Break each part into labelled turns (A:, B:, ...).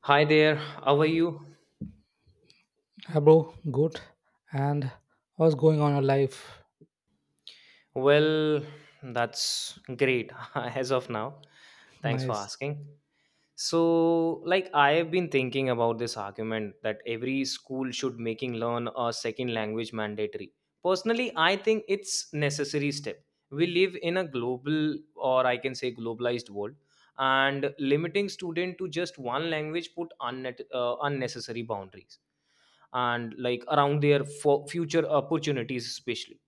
A: Hi there, how are you?
B: Hi, bro. Good. And what's going on in your life?
A: Well, that's great as of now. Thanks for
B: Nice.
A: asking. So, like I have been thinking about this argument that every school should making learn a second language mandatory. Personally, I think it's necessary step. We live in a global, or I can say globalized world, and limiting student to just one language put unnecessary boundaries and like around their future opportunities especially.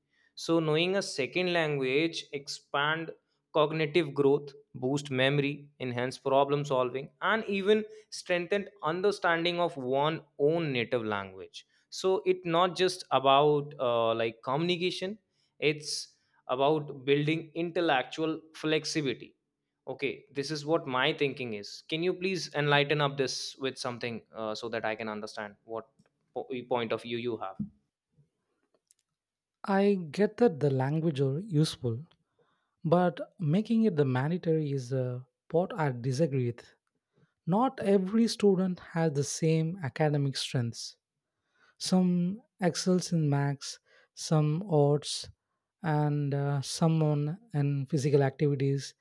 A: So knowing a second language expand cognitive growth, boost memory, enhance problem solving, and even strengthen understanding of one own native language. So it's not just about like communication, it's about building intellectual flexibility. Okay, this is what my thinking is. Can you please enlighten up this with something, so that I can understand what point of view you have?
B: I get that the language are useful, but making it the mandatory is a part I disagree with. Not every student has the same academic strengths. Some excels in maths, some arts, and some on in physical activities.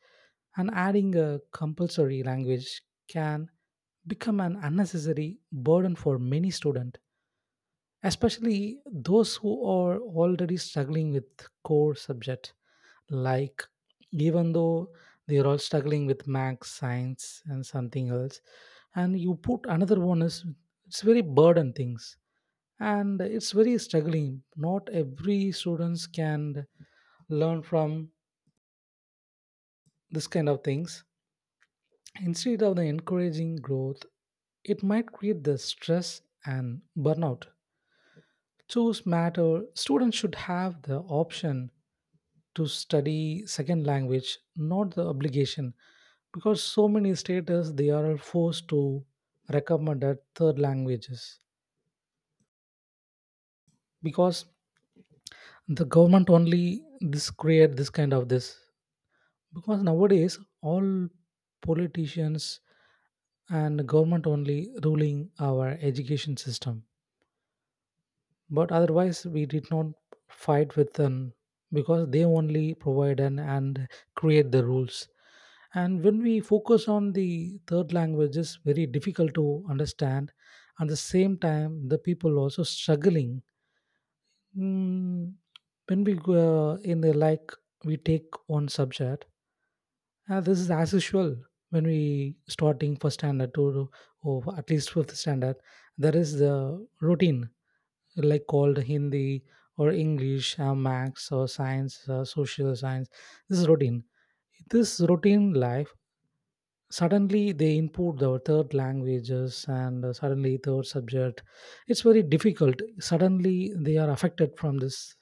B: And adding a compulsory language can become an unnecessary burden for many students, especially those who are already struggling with core subject, like even though they are all struggling with math, science and something else and you put another one, is it's very burden things and it's very struggling. Not every students can learn from this kind of things. Instead of the encouraging growth, it might create the stress and burnout. Choose matter, students should have the option to study second language, not the obligation, because so many states they are forced to recommend that third languages, because the government only this create this kind of this, because nowadays all politicians and government only ruling our education system, but otherwise we did not fight with them because they only provide and create the rules. And when we focus on the third language is very difficult to understand. At the same time the people also struggling. Mm, when we go in the like, we take one subject. This is as usual when we starting first standard to or at least fifth standard. There is the routine like called Hindi or English, Max or Science, Social Science. This is routine. This routine life, suddenly they input the third languages and suddenly third subject. It's very difficult. Suddenly they are affected from this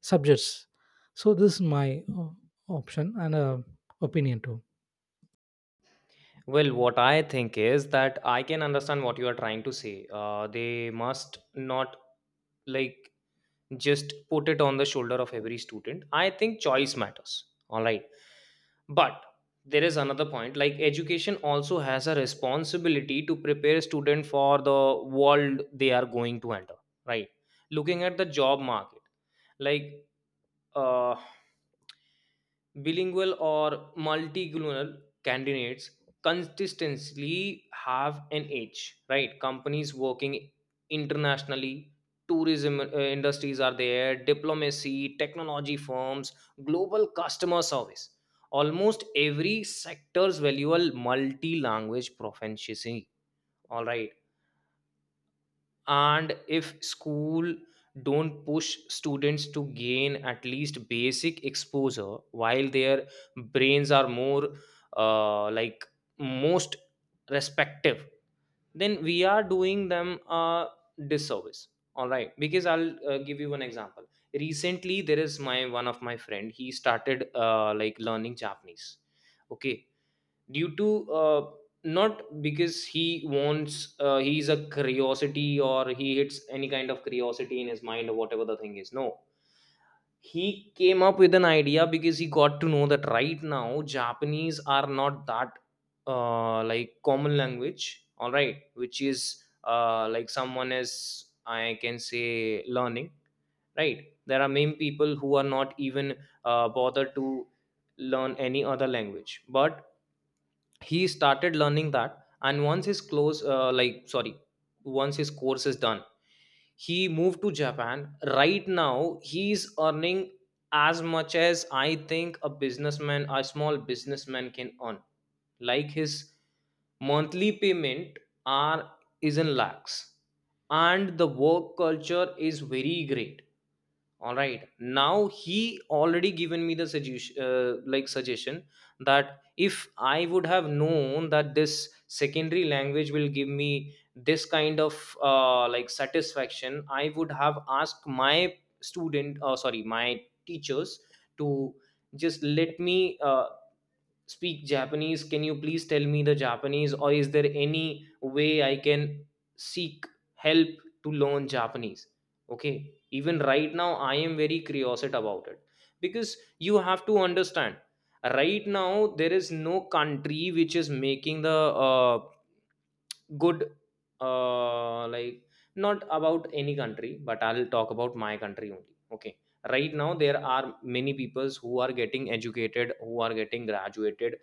B: subjects. So this is my option and opinion too.
A: Well, what I think is that I can understand what you are trying to say. They must not, like, just put it on the shoulder of every student. I think choice matters, all right? But there is another point, like education also has a responsibility to prepare student for the world they are going to enter, right? Looking at the job market, like, uh, bilingual or multilingual candidates consistently have an edge, right? Companies working internationally, tourism industries are there, diplomacy, technology firms, global customer service, almost every sector's valuable multi-language proficiency, all right? And if school don't push students to gain at least basic exposure while their brains are more, like most respective, then we are doing them a disservice. All right, because I'll give you one example. Recently there is my one of my friend, he started, like, learning Japanese. Okay, due to not because he wants, he's a curiosity or he hits any kind of curiosity in his mind or whatever the thing is, no. He came up with an idea because he got to know that right now Japanese are not that, like, common language, all right, which is, like, someone is, I can say, learning. Right, there are many people who are not even bothered to learn any other language, but he started learning that. And once his close, sorry, once his course is done, he moved to Japan. Right now he's earning as much as, I think, a businessman, a small businessman, can earn. Like his monthly payment are is in lakhs, and the work culture is very great. All right, now he already given me the suggestion, suggestion that if I would have known that this secondary language will give me this kind of, like, satisfaction, I would have asked my student, sorry, my teachers to just let me, speak Japanese. Can you please tell me the Japanese, or is there any way I can seek help to learn Japanese? Okay, even right now, I am very curious about it because you have to understand right now there is no country which is making the, good, uh like not about any country, but I'll talk about my country only. Okay, right now there are many peoples who are getting educated, who are getting graduated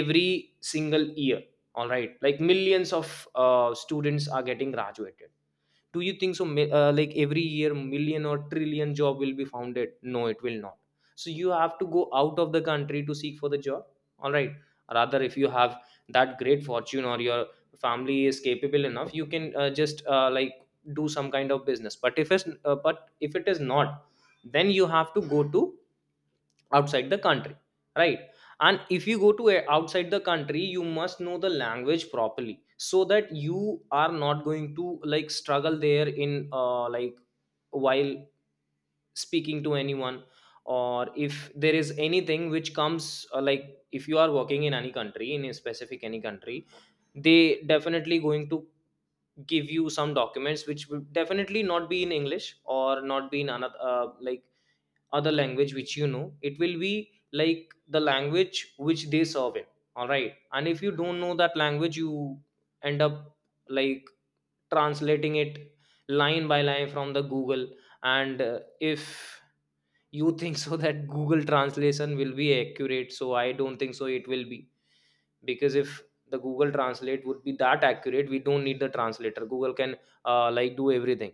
A: every single year. All right, like millions of students are getting graduated. Do you think so like every year million or trillion job will be founded? No, it will not. So you have to go out of the country to seek for the job, all right? Rather, if you have that great fortune or your family is capable enough, you can, just, like, do some kind of business. But if it is not, then you have to go to outside the country, right? And if you go to a, outside the country, you must know the language properly so that you are not going to like struggle there in, like, while speaking to anyone. Or if there is anything which comes, like, if you are working in any country, in a specific any country, they definitely going to give you some documents which will definitely not be in English or not be in another, like, other language which you know. It will be like the language which they serve it. All right, and if you don't know that language, you end up, like, translating it line by line from the Google. And if you think so that Google translation will be accurate, so I don't think so it will be. Because if the Google translate would be that accurate, we don't need the translator. Google can, like, do everything.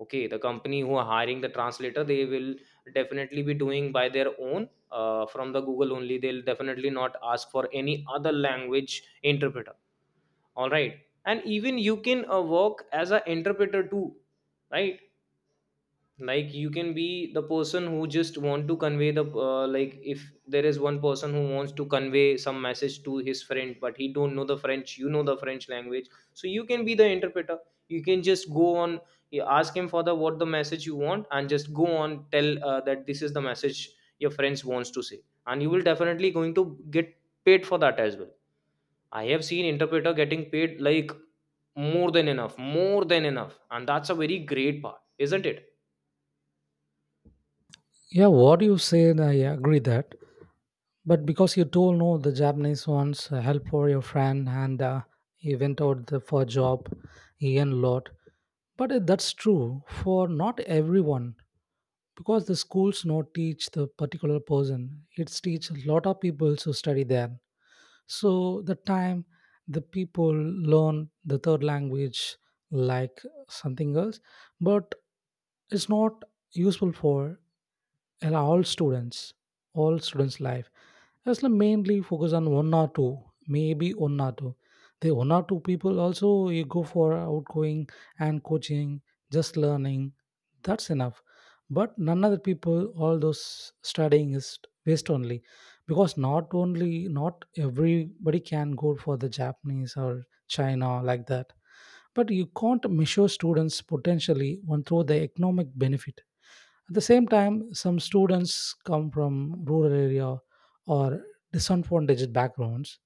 A: Okay, the company who are hiring the translator, they will definitely be doing by their own, from the Google only. They'll definitely not ask for any other language interpreter, all right? And even you can, work as an interpreter too, right? Like, you can be the person who just want to convey the, like, if there is one person who wants to convey some message to his friend but he don't know the French, you know the French language, so you can be the interpreter. You can just go on, you ask him for the what the message you want, and just go on tell, that this is the message your friends wants to say. And you will definitely going to get paid for that as well. I have seen interpreter getting paid like more than enough, more than enough, and that's a very great part, isn't it?
B: Yeah, what you said, I agree that. But because you told no, the Japanese wants help for your friend, and he went out the, for a job, he earned a lot. But that's true for not everyone because the schools not teach the particular person. It's teach a lot of people to study there. So the time the people learn the third language, like something else, but it's not useful for and all students' life. That's the mainly focus on one or two, maybe one or two. The one or two people also you go for outgoing and coaching, just learning. That's enough. But none other people, all those studying is waste only, because not only not everybody can go for the Japanese or China like that. But you can't measure students' potentially one through the economic benefit. At the same time, some students come from rural area or disadvantaged backgrounds.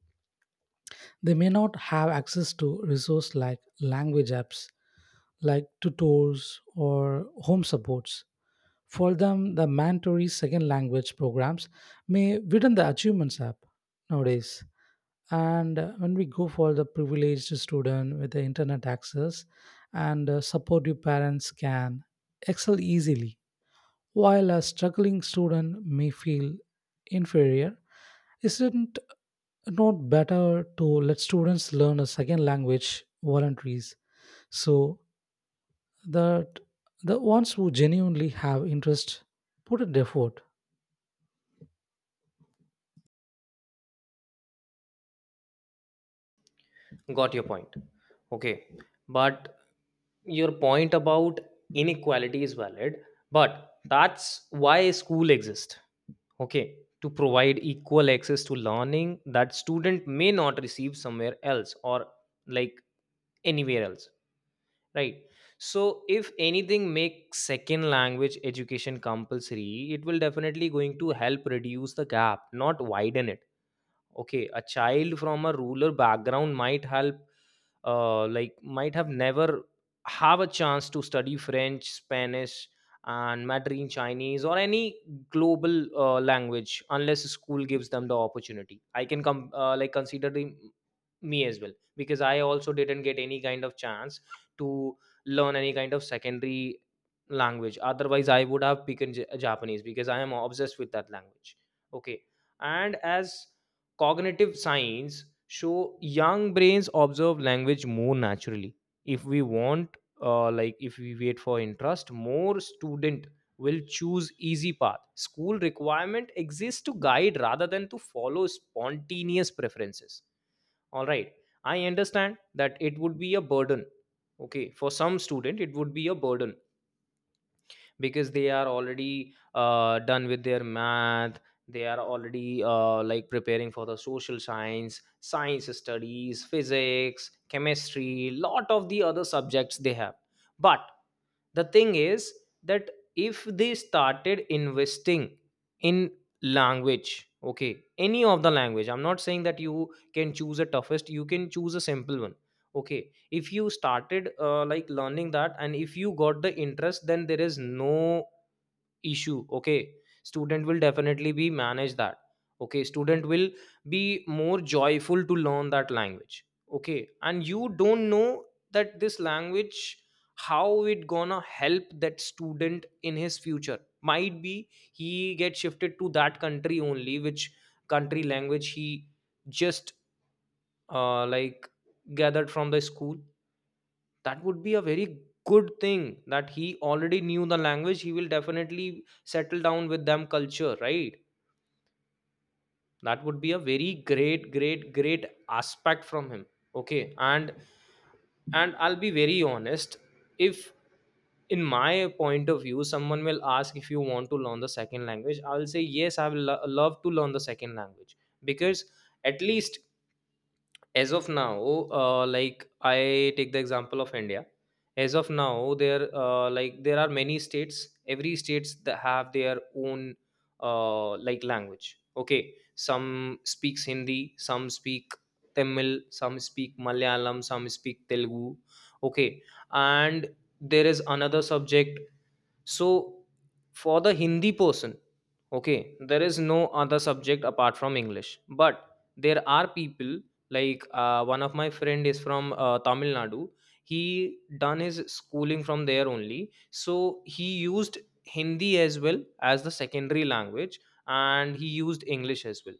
B: They may not have access to resources like language apps, like tutors or home supports. For them, the mandatory second language programs may widen the achievements app nowadays. And when we go for the privileged student with the internet access and supportive parents can excel easily, while a struggling student may feel inferior. Isn't it not better to let students learn a second language voluntaries, so that the ones who genuinely have interest put an effort?
A: Got your point. Okay. But your point about inequality is valid, but that's why school exists. Okay, to provide equal access to learning that student may not receive somewhere else or, like, anywhere else. Right. So if anything, make second language education compulsory, it will definitely going to help reduce the gap, not widen it. Okay, a child from a rural background might help, like, might have never have a chance to study French, Spanish, and Mandarin Chinese or any global, language unless school gives them the opportunity. I can come, like, consider the, me as well, because I also didn't get any kind of chance to learn any kind of secondary language. Otherwise, I would have picked Japanese because I am obsessed with that language. Okay, and as cognitive science show, young brains observe language more naturally. If we want, like, if we wait for interest, more student will choose easy path. School requirement exists to guide rather than to follow spontaneous preferences, all right? I understand that it would be a burden. Okay, for some student it would be a burden because they are already, done with their math. They are already, like, preparing for the social science, science studies, physics, chemistry, lot of the other subjects they have. But the thing is that if they started investing in language, okay, any of the language, I'm not saying that you can choose a toughest, you can choose a simple one. Okay, if you started, like, learning that, and if you got the interest, then there is no issue. Okay, student will definitely be manage that. Okay, student will be more joyful to learn that language. Okay, and you don't know that this language how it gonna help that student in his future. Might be he get shifted to that country only, which country language he just, like, gathered from the school. That would be a very good thing that he already knew the language. He will definitely settle down with them culture, right? That would be a very great, great, great aspect from him. Okay, and I'll be very honest, if, in my point of view, someone will ask if you want to learn the second language, I'll say yes, I will love to learn the second language. Because at least, as of now, like, I take the example of India. As of now there, like, there are many states, every states that have their own, like, language. Okay, some speaks Hindi, some speak Tamil, some speak Malayalam, some speak Telugu. Okay, and there is another subject. So for the Hindi person, okay, there is no other subject apart from English. But there are people, like, one of my friend is from, Tamil Nadu. He done his schooling from there only, so he used Hindi as well as the secondary language, and he used English as well.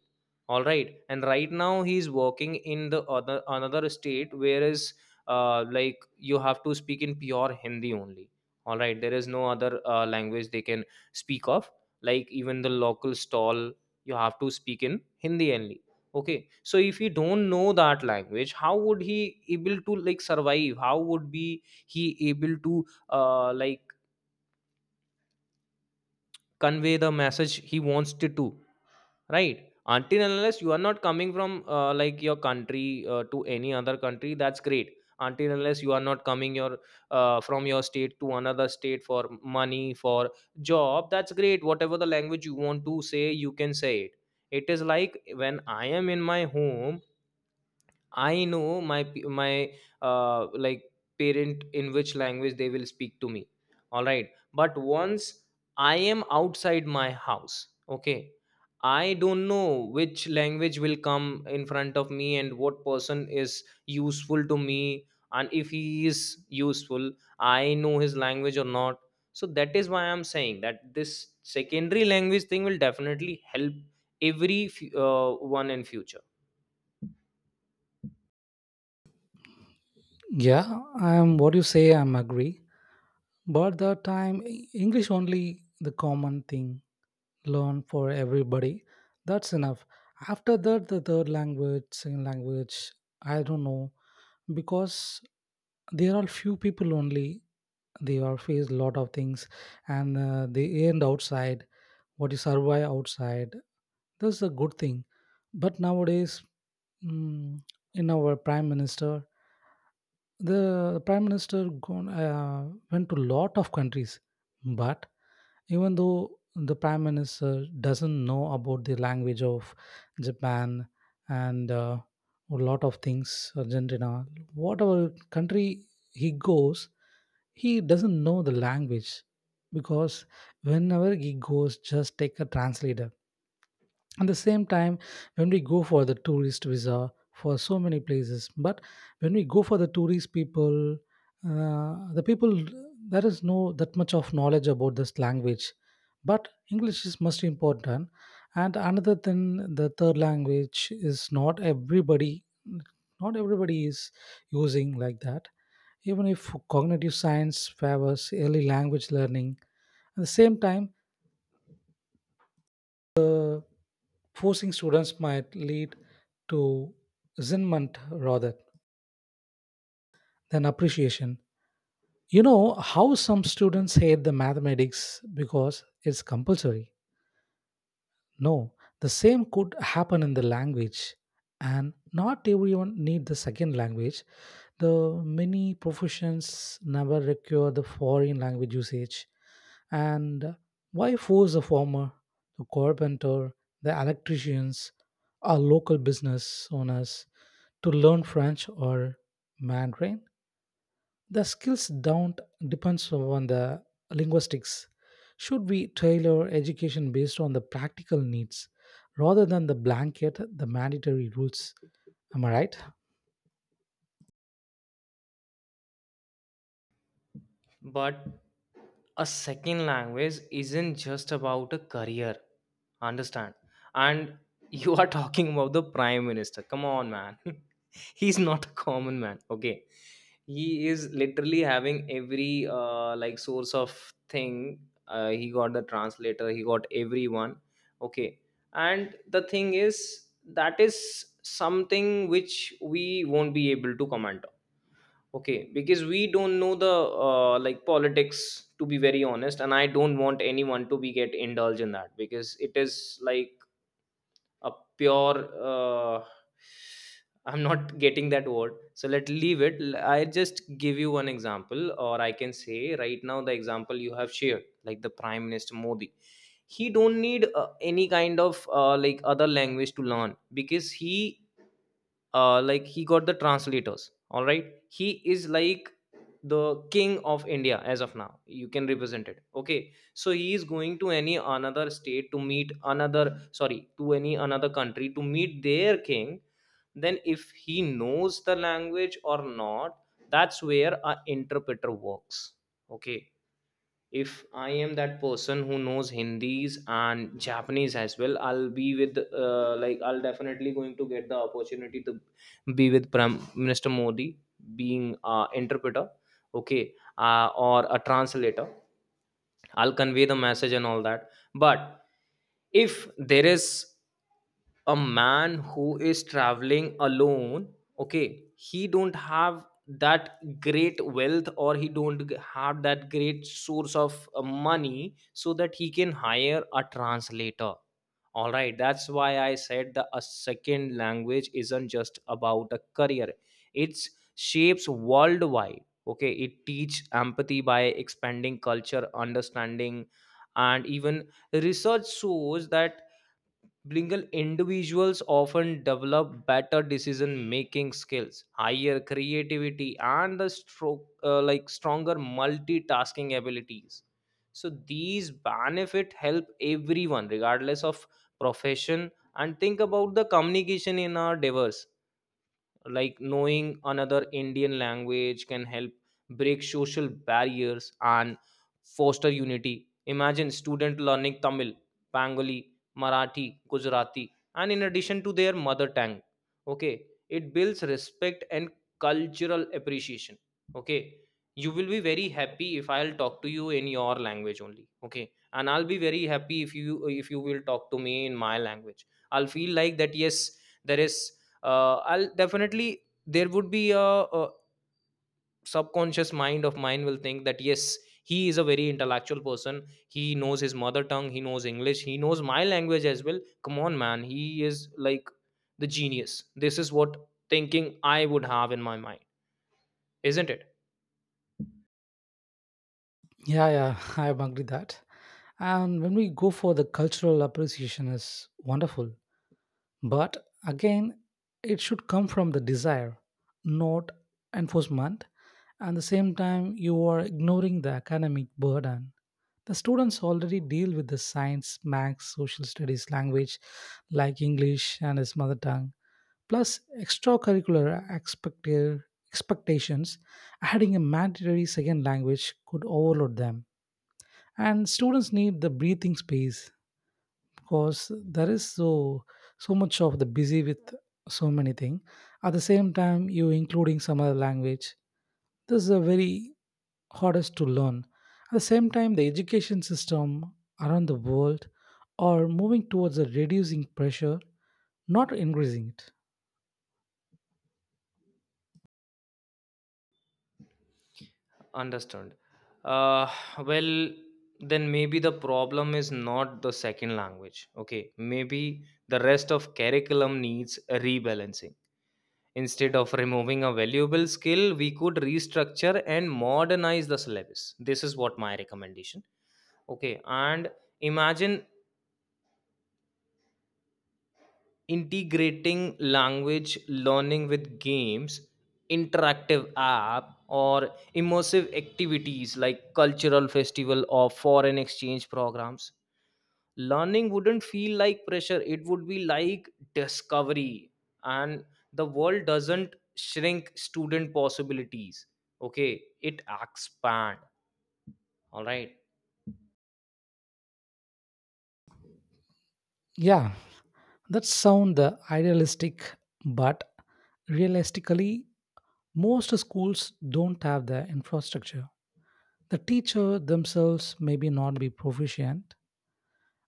A: All right, and right now he's working in the other, another state, whereas, like, you have to speak in pure Hindi only. All right, there is no other, language they can speak of. Like even the local stall, you have to speak in Hindi only. Okay, so if he don't know that language, how would he able to like survive? How would be he able to, like, convey the message he wants to Do, right? Until and unless you are not coming from like your country to any other country, that's great. Until and unless you are not coming your from your state to another state for money, for job, that's great. Whatever the language you want to say, you can say it. It is like when I am in my home, I know my uh, like parent, in which language they will speak to me. All right, but once I am outside my house, okay, I don't know which language will come in front of me and what person is useful to me, and if he is useful, I know his language or not. So that is why I'm saying that this secondary language thing will definitely help every one in future.
B: Yeah, I am what you say, I'm agree. But the time English only the common thing learn for everybody. That's enough. After that, the third language, second language, I don't know, because there are few people only. They are face lot of things, and they end outside. What you survive outside, that's a good thing. But nowadays, mm, in our prime minister. The prime minister gone, went to lot of countries, but even though the prime minister doesn't know about the language of Japan and a lot of things, Argentina, whatever country he goes, he doesn't know the language, because whenever he goes, just take a translator. At the same time, when we go for the tourist visa for so many places, but when we go for the tourist people, the people, there is no that much of knowledge about this language. But English is most important. And another thing, the third language is not everybody, not everybody is using like that. Even if cognitive science favors early language learning, at the same time forcing students might lead to resentment rather than appreciation. You know how some students hate the mathematics because it's compulsory? No, the same could happen in the language. And not everyone need the second language. The many professions never require the foreign language usage. And why force the former, the carpenter, the electricians, our local business owners to learn French or Mandarin? The skills don't depends on the linguistics. Should we tailor education based on the practical needs rather than the blanket, the mandatory rules? Am I right?
A: But a second language isn't just about a career, understand? And you are talking about the prime minister. Come on, man. He's not a common man, okay? He is literally having every like source of thing. He got the translator, he got everyone, okay? And the thing is, that is something which we won't be able to comment. Okay, because we don't know the like politics, to be very honest, and I don't want anyone to be get indulged in that, because it is like a pure. I'm not getting that word, so let leave it. I just give you one example, or I can say right now the example you have shared, like the Prime Minister Modi. He don't need any kind of like other language to learn, because he like he got the translators. All right, he is like the king of India as of now, you can represent it. Okay, so he is going to any another state to meet another, sorry, to any another country to meet their king. Then if he knows the language or not, that's where an interpreter works. Okay, if I am that person who knows Hindis and Japanese as well, I'll be with like I'll definitely going to get the opportunity to be with Prime Minister Modi being interpreter, okay, or a translator. I'll convey the message and all that. But if there is a man who is traveling alone, okay, he don't have that great wealth, or he don't g- have that great source of money, so that he can hire a translator. All right, that's why I said the a second language isn't just about a career, it shapes worldwide. Okay, it teach empathy by expanding culture understanding, and even research shows that Blingle individuals often develop better decision making skills, higher creativity, and the stroke like stronger multitasking abilities. So these benefit help everyone regardless of profession. And think about the communication in our diverse, like knowing another Indian language can help break social barriers and foster unity. Imagine student learning Tamil, Bengali, Marathi, Gujarati, and in addition to their mother tongue. Okay, it builds respect and cultural appreciation. Okay, you will be very happy if I'll talk to you in your language only, okay, and I'll be very happy if you will talk to me in my language. I'll feel like that, yes, there is I'll definitely there would be a subconscious mind of mine will think that yes, he is a very intellectual person, he knows his mother tongue, he knows English, he knows my language as well. Come on, man, he is like the genius. This is what thinking I would have in my mind, isn't it?
B: Yeah, yeah, I agree that. And when we go for the cultural appreciation is wonderful, but again, it should come from the desire, not enforcement. And the same time, you are ignoring the academic burden. The students already deal with the science, maths, social studies language like English and his mother tongue, plus extracurricular expectations. Adding a mandatory second language could overload them. And students need the breathing space because there is so so much of the busy with so many things. At the same time, you including some other language. This is a very hardest to learn. At the same time, the education system around the world are moving towards a reducing pressure, not increasing it.
A: Understood. uh, well, then maybe the problem is not the second language. Okay, maybe the rest of curriculum needs rebalancing. Instead of removing a valuable skill, we could restructure and modernize the syllabus. This is what my recommendation. Okay, and imagine integrating language learning with games, interactive app, or immersive activities like cultural festival or foreign exchange programs. Learning wouldn't feel like pressure, it would be like discovery. And the world doesn't shrink student possibilities. Okay, it expand, all right.
B: Yeah, that sound the idealistic, but realistically, most schools don't have the infrastructure. The teacher themselves may be not be proficient,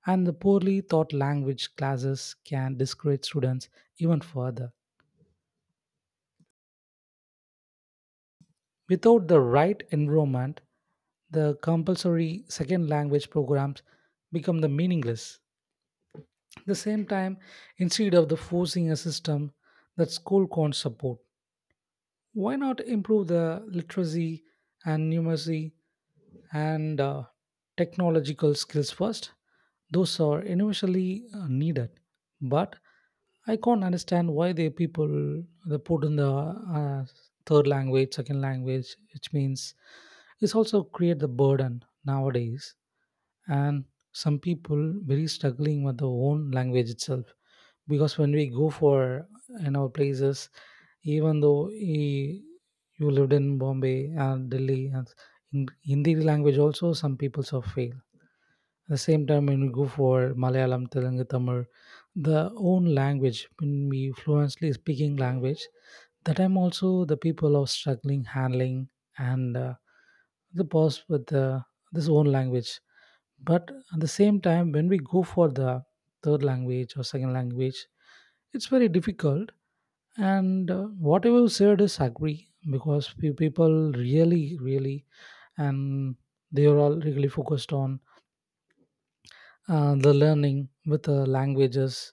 B: and the poorly taught language classes can discourage students even further. Without the right environment, the compulsory second language programs become the meaningless. At the same time, instead of the forcing a system that school can't support, why not improve the literacy and numeracy and technological skills first. Those are initially needed, but I can't understand why they people they put in the third language, second language, which means it's also create the burden nowadays. And some people very struggling with their own language itself, because when we go for in our places, even though he, you lived in Bombay and Delhi and in Hindi language also some people so fail. At the same time, when we go for Malayalam, Telugu, Tamil, the own language, when we fluently speaking language, that time also the people are struggling handling and the pause with the this own language. But at the same time, when we go for the third language or second language, it's very difficult. And whatever you said is agree, because few people really, really, and they are all really focused on the learning with the languages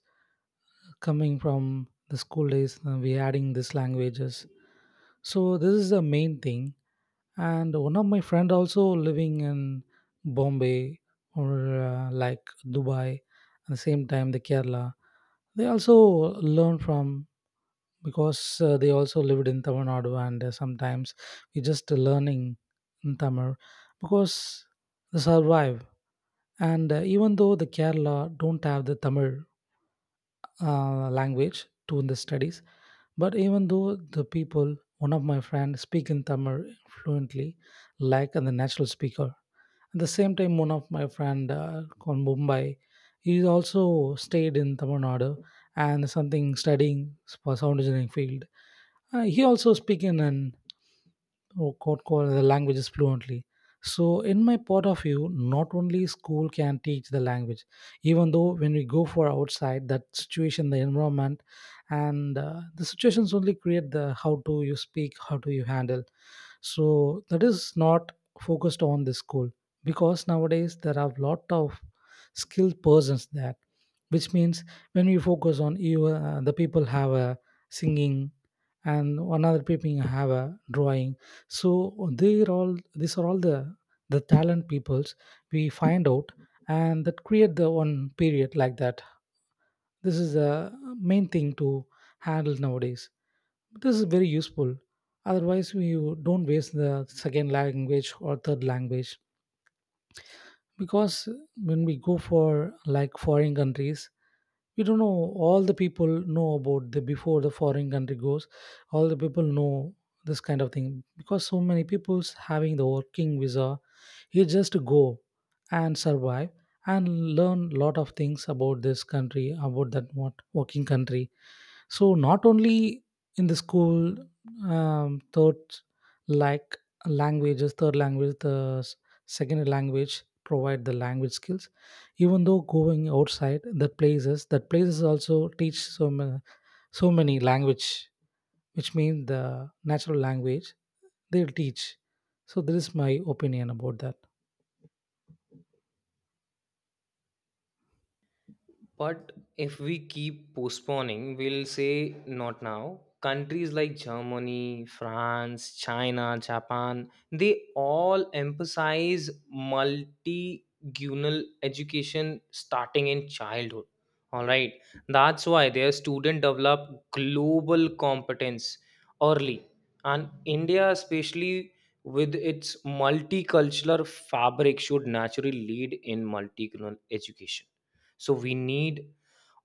B: coming from the school days. Uh, we adding these languages, so this is the main thing. And one of my friend also living in Bombay or like Dubai, at the same time the Kerala, they also learn from, because they also lived in Tamil Nadu and sometimes we just learning in Tamil because they survive. And even though the Kerala don't have the Tamil language to in the studies, but even though the people, one of my friends speak in Tamil fluently, like and the natural speaker. At the same time, one of my friend from Mumbai, he also stayed in Tamil Nadu and something studying for sound engineering field. He also speak in an or called call the languages fluently. So, in my point of view, not only school can teach the language, even though when we go for outside, that situation, the environment, and the situations only create the how do you speak, how do you handle. So, that is not focused on the school, because nowadays there are a lot of skilled persons there, which means when we focus on you the people have a singing and another people have a drawing, so they're all these are all the talent peoples we find out, and that create the one period like that. This is the main thing to handle nowadays. This is very useful. Otherwise we don't waste the second language or third language, because when we go for like foreign countries we don't know all the people know about the before the foreign country goes, all the people know this kind of thing because so many people's having the working visa. You just go and survive and learn lot of things about this country about that what working country. So not only in the school, third like languages, third language, second language provide the language skills. Even though going outside, that places, that places also teach so many, so many language, which means the natural language they'll teach. So this is my opinion about that.
A: But if we keep postponing, we'll say not now. Countries like Germany, France, China, Japan, they all emphasize multigunal education starting in childhood. All right. That's why their students develop global competence early. And India, especially with its multicultural fabric, should naturally lead in multicultural education. So we need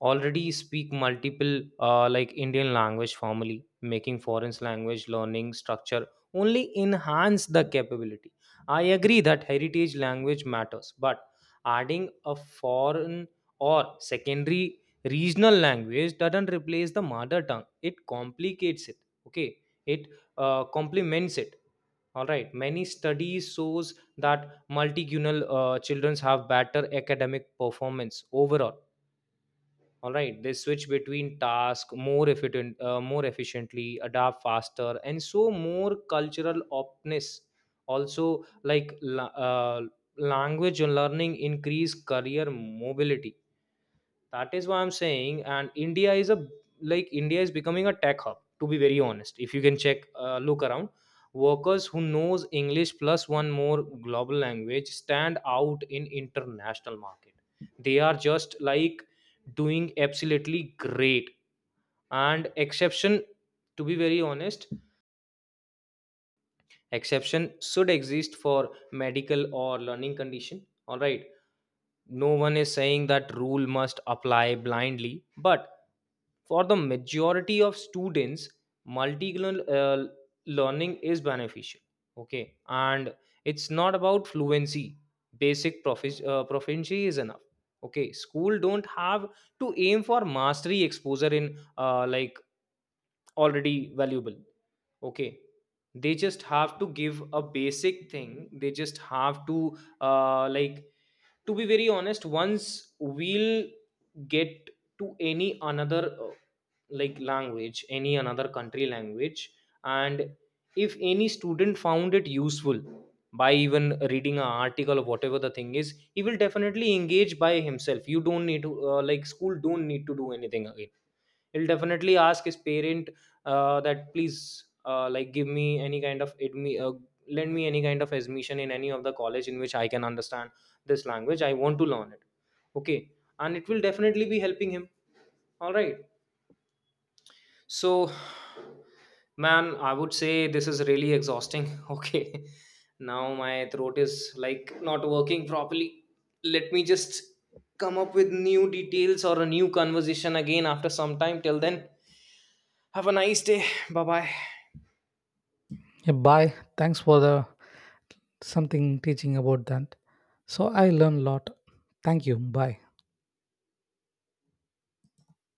A: already speak multiple like Indian language. Formally making foreign language learning structure only enhance the capability. I agree that heritage language matters, but adding a foreign or secondary regional language doesn't replace the mother tongue, it complicates it. Okay, it complements it. All right, many studies shows that multilingual children have better academic performance overall. All right, they switch between tasks more efficient more efficiently, adapt faster, and so more cultural optness. Also, language learning increase career mobility. That is why I'm saying, and India is a, like India is becoming a tech hub, to be very honest. If you can check, look around. Workers who knows English plus one more global language stand out in international market. They are just like doing absolutely great. And exception, to be very honest, exception should exist for medical or learning condition. All right, no one is saying that rule must apply blindly. But for the majority of students, multilingual learning is beneficial. Okay, and it's not about fluency. Basic proficiency is enough. Okay, school don't have to aim for mastery. Exposure in like already valuable. Okay, they just have to give a basic thing. They just have to like, to be very honest, once we'll get to any another like language, any another country language, and if any student found it useful by even reading an article or whatever the thing is, he will definitely engage by himself. You don't need to like, school don't need to do anything again. He'll definitely ask his parent that please like give me any kind of lend me any kind of admission in any of the college in which I can understand this language. I want to learn it. Okay, and it will definitely be helping him. All right, so, man, I would say this is really exhausting. Okay, now my throat is like not working properly. Let me just come up with new details or a new conversation again after some time. Till then, have a nice day. Bye bye.
B: Yeah, bye, thanks for the something teaching about that, so I learned a lot. Thank you, bye.